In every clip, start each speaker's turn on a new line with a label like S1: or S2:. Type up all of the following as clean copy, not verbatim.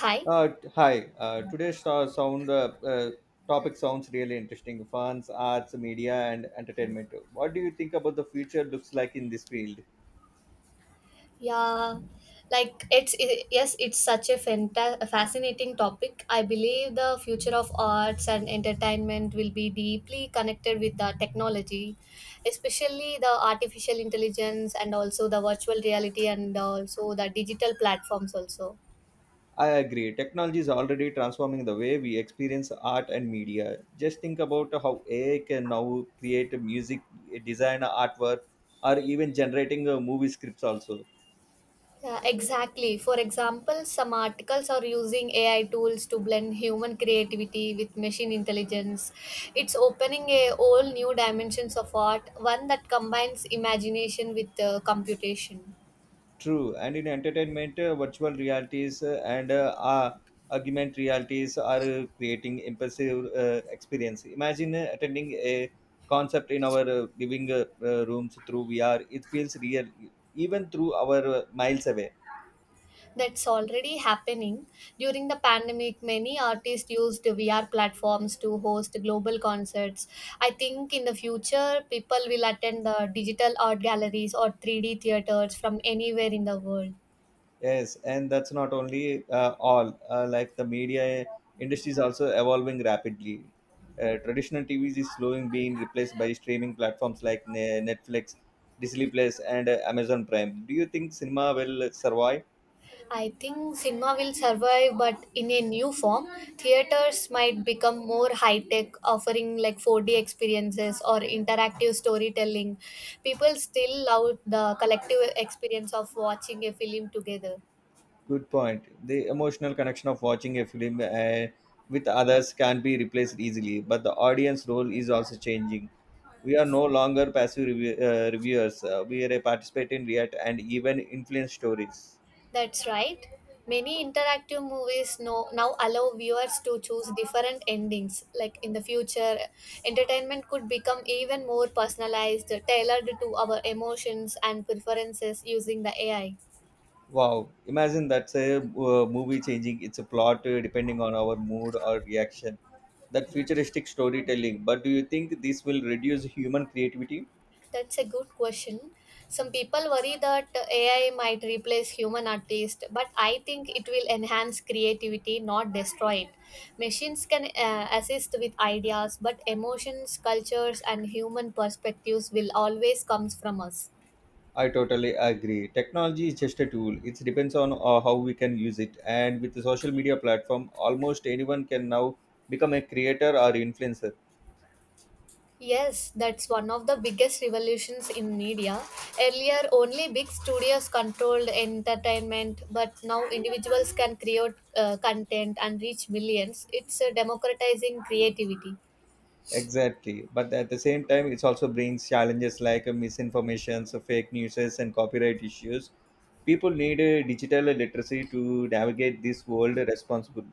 S1: Hi.
S2: Hi. Today's sound topic sounds really interesting. Fans, arts, media, and entertainment. What do you think about the future looks like in this field?
S1: Yeah, like it's it, yes, it's such a fanta- a fascinating topic. I believe the future of arts and entertainment will be deeply connected with the technology, especially the artificial intelligence and also the virtual reality and also the digital platforms also.
S2: I agree. Technology is already transforming the way we experience art and media. Just think about how AI can now create music, design artwork, or even generating movie scripts also.
S1: Yeah, exactly. For example, some articles are using AI tools to blend human creativity with machine intelligence. It's opening a whole new dimensions of art, one that combines imagination with computation.
S2: True, and in entertainment, virtual realities and augmented realities are creating impressive experience. Imagine attending a concept in our living rooms through VR. It feels real, even through our miles away.
S1: That's already happening. During the pandemic, many artists used VR platforms to host global concerts. I think in the future, people will attend the digital art galleries or 3D theaters from anywhere in the world.
S2: Yes, and that's not only all. Like the media industry is also evolving rapidly. Traditional TVs is slowing being replaced by streaming platforms like Netflix, Disney Plus, and Amazon Prime. Do you think cinema will survive?
S1: I think cinema will survive, but in a new form. Theaters might become more high tech, offering like 4D experiences or interactive storytelling. People still love the collective experience of watching a film together.
S2: Good point. The emotional connection of watching a film with others can be replaced easily, but the audience role is also changing. We are no longer passive reviewers. We are a participant in react and even influence stories.
S1: That's right. Many interactive movies no, now allow viewers to choose different endings. Like in the future, entertainment could become even more personalized, tailored to our emotions and preferences using the AI.
S2: Wow, imagine that's a movie changing its a plot depending on our mood or reaction. That futuristic storytelling. But do you think this will reduce human creativity?
S1: That's a good question. Some people worry that AI might replace human artists, but I think it will enhance creativity, not destroy it. Machines can assist with ideas, but emotions, cultures, and human perspectives will always comes from us.
S2: I totally agree. Technology is just a tool. It depends on how we can use it. And with the social media platform, almost anyone can now become a creator or influencer.
S1: Yes, that's one of the biggest revolutions in media. Earlier, only big studios controlled entertainment, but now individuals can create content and reach millions. It's democratizing creativity.
S2: Exactly. But at the same time, it also brings challenges like misinformation, so fake news, and copyright issues. People need digital literacy to navigate this world responsibly.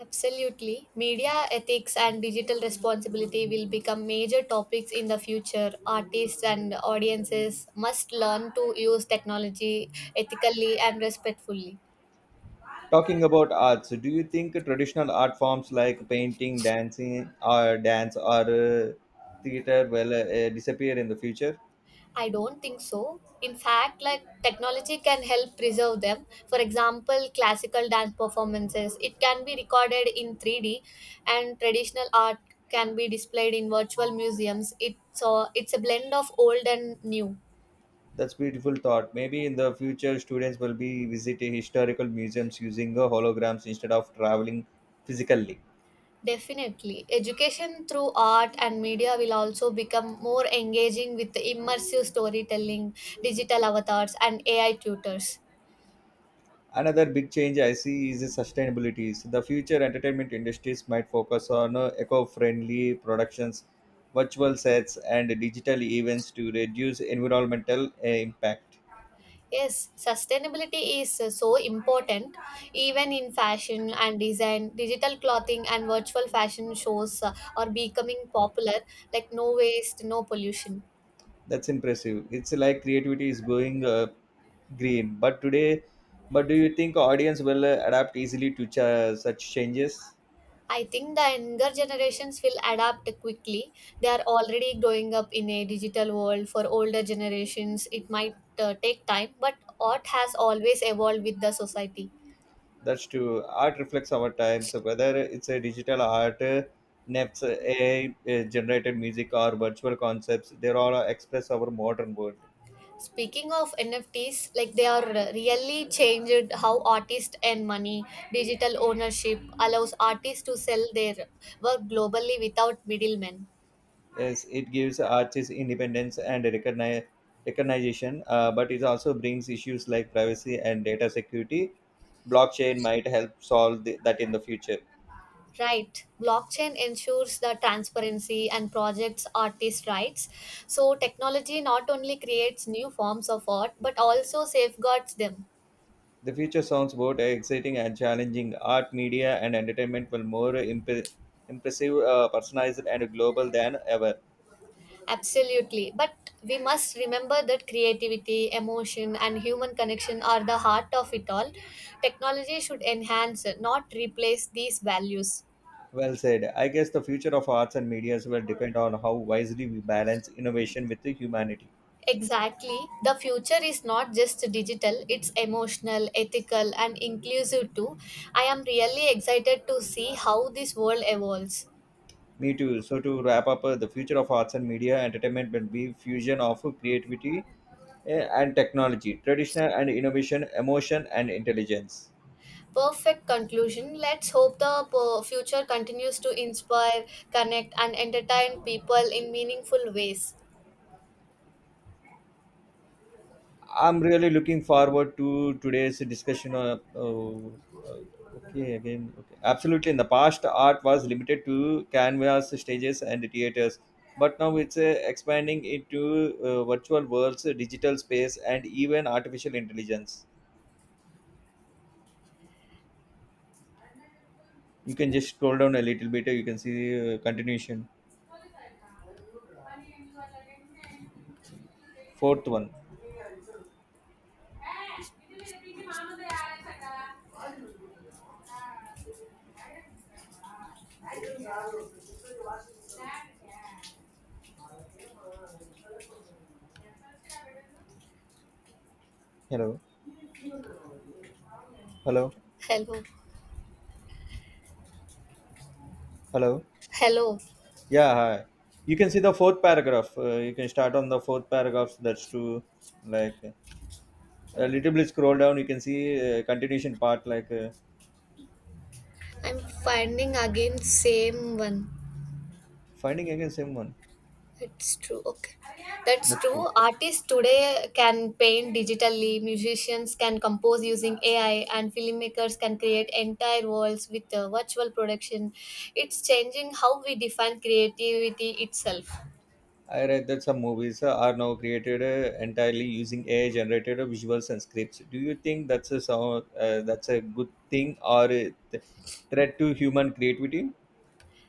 S1: Absolutely. Media ethics and digital responsibility will become major topics in the future. Artists and audiences must learn to use technology ethically and respectfully.
S2: Talking about arts, do you think traditional art forms like painting, dancing, or dance, or theater will disappear in the future?
S1: I don't think so. In fact, like technology can help preserve them. For example, classical dance performances, it can be recorded in 3D and traditional art can be displayed in virtual museums. It's a blend of old and new.
S2: That's beautiful thought. Maybe in the future, students will be visiting historical museums using holograms instead of traveling physically.
S1: Definitely. Education through art and media will also become more engaging with immersive storytelling, digital avatars, and AI tutors.
S2: Another big change I see is the sustainability. So the future entertainment industries might focus on eco-friendly productions, virtual sets, and digital events to reduce environmental impact.
S1: Yes, sustainability is so important. Even in fashion and design, digital clothing and virtual fashion shows are becoming popular, like no waste, no pollution.
S2: That's impressive. It's like creativity is going green. But today, but do you think audience will adapt easily to such changes?
S1: I think the younger generations will adapt quickly. They are already growing up in a digital world. For older generations, it might take time, but art has always evolved with the society.
S2: That's true. Art reflects our times, whether it's a digital art, NEFs, AI generated music, or virtual concepts, they all express our modern world.
S1: Speaking of NFTs, like they are really changed how artists earn money. Digital ownership allows artists to sell their work globally without middlemen.
S2: Yes, it gives artists independence and recognition, but it also brings issues like privacy and data security. Blockchain might help solve that in the future.
S1: Right. Blockchain ensures the transparency and protects artist rights. So technology not only creates new forms of art but also safeguards them.
S2: The future sounds both exciting and challenging. Art, media, and entertainment will more impressive, personalized, and global than ever.
S1: Absolutely. But we must remember that creativity, emotion, and human connection are the heart of it all. Technology should enhance, not replace these values.
S2: Well said. I guess the future of arts and medias will depend on how wisely we balance innovation with the humanity.
S1: Exactly. The future is not just digital, it's emotional, ethical, and inclusive too. I am really excited to see how this world evolves.
S2: Me too. So to wrap up, the future of arts and media entertainment will be fusion of creativity and technology, traditional and innovation, emotion and intelligence.
S1: Perfect conclusion. Let's hope the future continues to inspire, connect, and entertain people in meaningful ways.
S2: I'm really looking forward to today's discussion. Oh, uh, okay. Absolutely. In the past, art was limited to canvas, stages, and theaters, but now it's expanding into virtual worlds, digital space, and even artificial intelligence. You can just scroll down a little bit. You can see continuation. Fourth one. Hello, hello,
S1: Hello.
S2: hello.
S1: Hello.
S2: Yeah, hi. You can see the fourth paragraph. You can start on the fourth paragraph. That's true. Like. A little bit scroll down you can see a continuation part
S1: I'm finding again same one.
S2: finding again same one.
S1: It's true. Okay. That's
S2: That's true.
S1: true. Artists today can paint digitally, musicians can compose using AI, and filmmakers can create entire worlds with virtual production. It's changing how we define creativity itself.
S2: I read that some movies are now created entirely using AI generated visuals and scripts. Do you think that's a sound, that's a good thing or a th- threat to human creativity?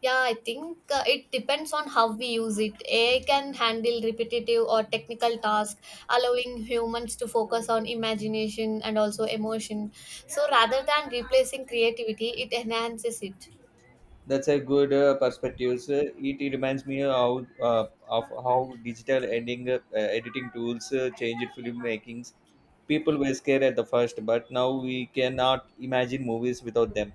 S1: Yeah, I think it depends on how we use it. AI can handle repetitive or technical tasks, allowing humans to focus on imagination and also emotion. So rather than replacing creativity, it enhances it.
S2: That's a good perspective. So it reminds me how digital ending editing tools changed film makings. People were scared at the first but now we cannot imagine movies without them.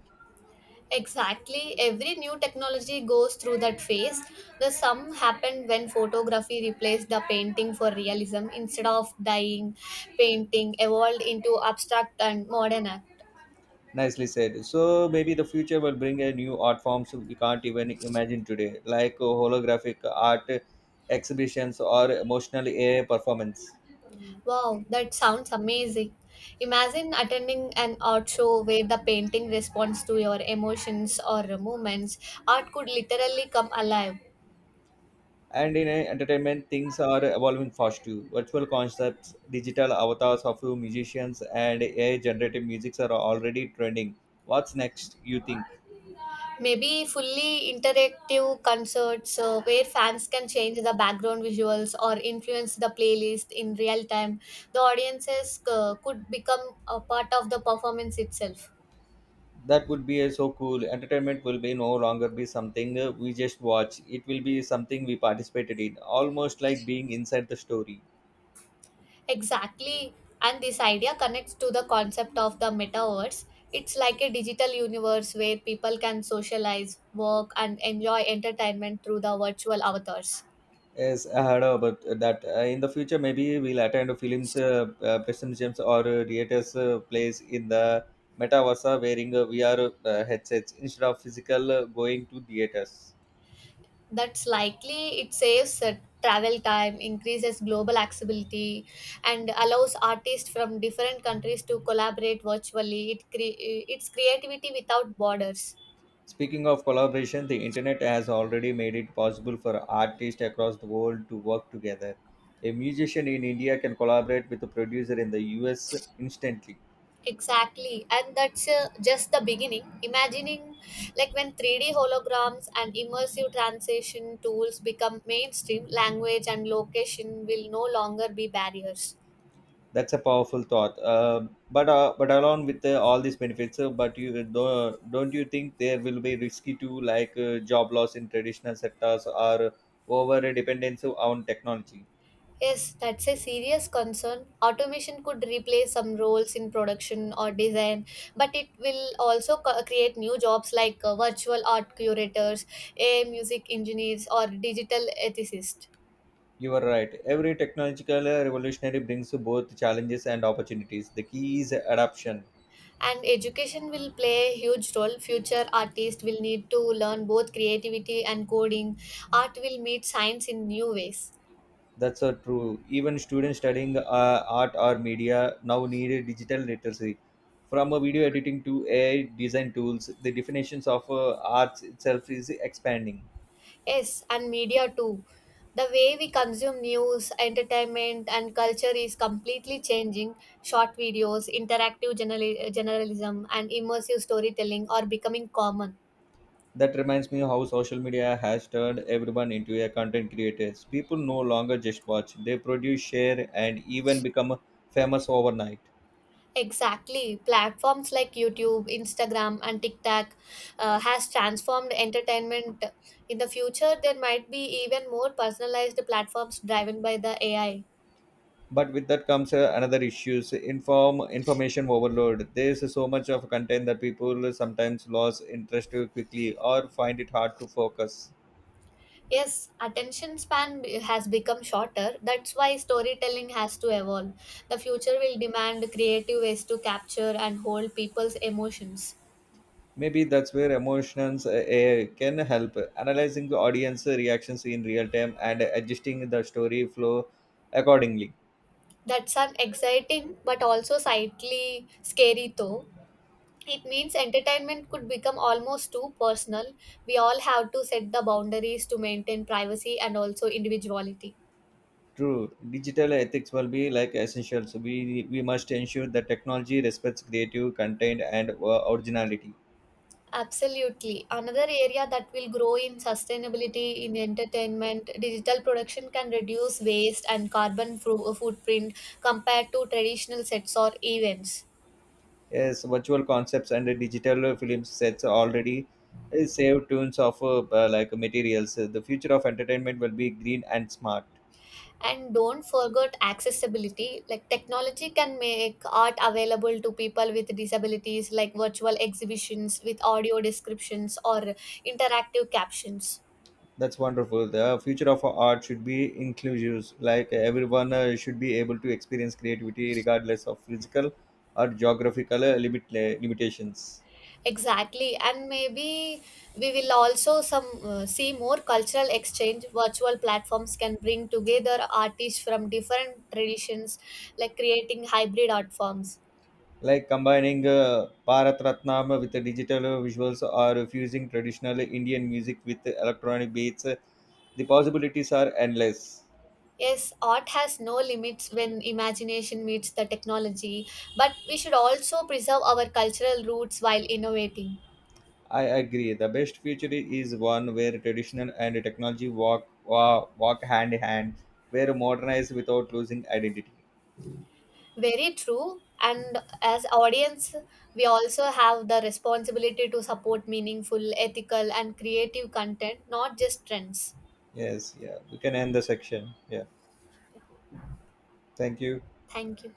S1: Exactly. Every new technology goes through that phase. The sum happened when photography replaced the painting for realism. Instead of dying, painting evolved into abstract and modern art.
S2: Nicely said. So maybe the future will bring a new art forms we can't even imagine today, like holographic art exhibitions or emotional AI performance.
S1: Wow, that sounds amazing. Imagine attending an art show where the painting responds to your emotions or movements. Art could literally come alive.
S2: And in entertainment, things are evolving fast too. Virtual concepts, digital avatars of you musicians, and AI-generated musics are already trending. What's next? You think
S1: Maybe fully interactive concerts where fans can change the background visuals or influence the playlist in real time. The audiences could become a part of the performance itself.
S2: that would be so cool? Entertainment will be no longer be something we just watch. It will be something we participated in, almost like being inside the story.
S1: Exactly. And this idea connects to the concept of the metaverse. It's like a digital universe where people can socialize, work, and enjoy entertainment through the virtual avatars.
S2: Yes, I heard about that. In the future, maybe we'll attend films, present or theaters plays in the metaverse wearing VR headsets instead of physical going to theaters.
S1: That's likely. It saves travel time, increases global accessibility, and allows artists from different countries to collaborate virtually. It's creativity without borders.
S2: Speaking of collaboration, the internet has already made it possible for artists across the world to work together. A musician in India can collaborate with a producer in the US instantly.
S1: Exactly, and that's just the beginning. Imagining like when 3D holograms and immersive translation tools become mainstream, language and location will no longer be barriers.
S2: That's a powerful thought. But along with all these benefits, but you don't you think there will be risky too, like job loss in traditional sectors or over dependence on technology?
S1: Yes, that's a serious concern. Automation could replace some roles in production or design, but it will also create new jobs like virtual art curators, AI music engineers, or digital ethicists.
S2: You are right. Every technological revolutionary brings both challenges and opportunities. The key is adoption.
S1: And education will play a huge role. Future artists will need to learn both creativity and coding. Art will meet science in new ways.
S2: That's so true. Even students studying art or media now need a digital literacy. From video editing to AI design tools, the definitions of arts itself is expanding.
S1: Yes, and media too. The way we consume news, entertainment, and culture is completely changing. Short videos, journalism, and immersive storytelling are becoming common.
S2: That reminds me how social media has turned everyone into a content creators. People no longer just watch, they produce, share, and even become famous overnight.
S1: Exactly. Platforms like YouTube, Instagram, and TikTok has transformed entertainment. In the future, there might be even more personalized platforms driven by the AI.
S2: But with that comes another issues information overload. There's so much of content that people sometimes lose interest quickly or find it hard to focus.
S1: Yes, attention span has become shorter. That's why storytelling has to evolve. The future will demand creative ways to capture and hold people's emotions.
S2: Maybe that's where emotions can help. Analyzing the audience reactions in real time and adjusting the story flow accordingly.
S1: That's an exciting but also slightly scary though. It means entertainment could become almost too personal. We all have to set the boundaries to maintain privacy and also individuality.
S2: True, digital ethics will be like essential. So we must ensure that technology respects creative content and originality.
S1: Absolutely. Another area that will grow in sustainability in entertainment, digital production can reduce waste and carbon footprint compared to traditional sets or events.
S2: Yes, virtual concepts and digital film sets already save tunes of like materials. The future of entertainment will be green and smart.
S1: And don't forget accessibility. Like technology can make art available to people with disabilities, like virtual exhibitions with audio descriptions or interactive captions.
S2: That's wonderful. The future of art should be inclusive. Like everyone should be able to experience creativity regardless of physical or geographical limitations.
S1: Exactly, and maybe we will also some see more cultural exchange. Virtual platforms can bring together artists from different traditions, like creating hybrid art forms.
S2: Like combining Bharat Ratnam with the digital visuals or fusing traditional Indian music with electronic beats, the possibilities are endless.
S1: Yes, art has no limits when imagination meets the technology, but we should also preserve our cultural roots while innovating.
S2: I agree. The best future is one where traditional and technology walk walk hand in hand, where modernize without losing identity.
S1: Very true. And as audience, we also have the responsibility to support meaningful, ethical, and creative content, not just trends.
S2: Yes, yeah. We can end the section. Yeah. Thank you.
S1: Thank you.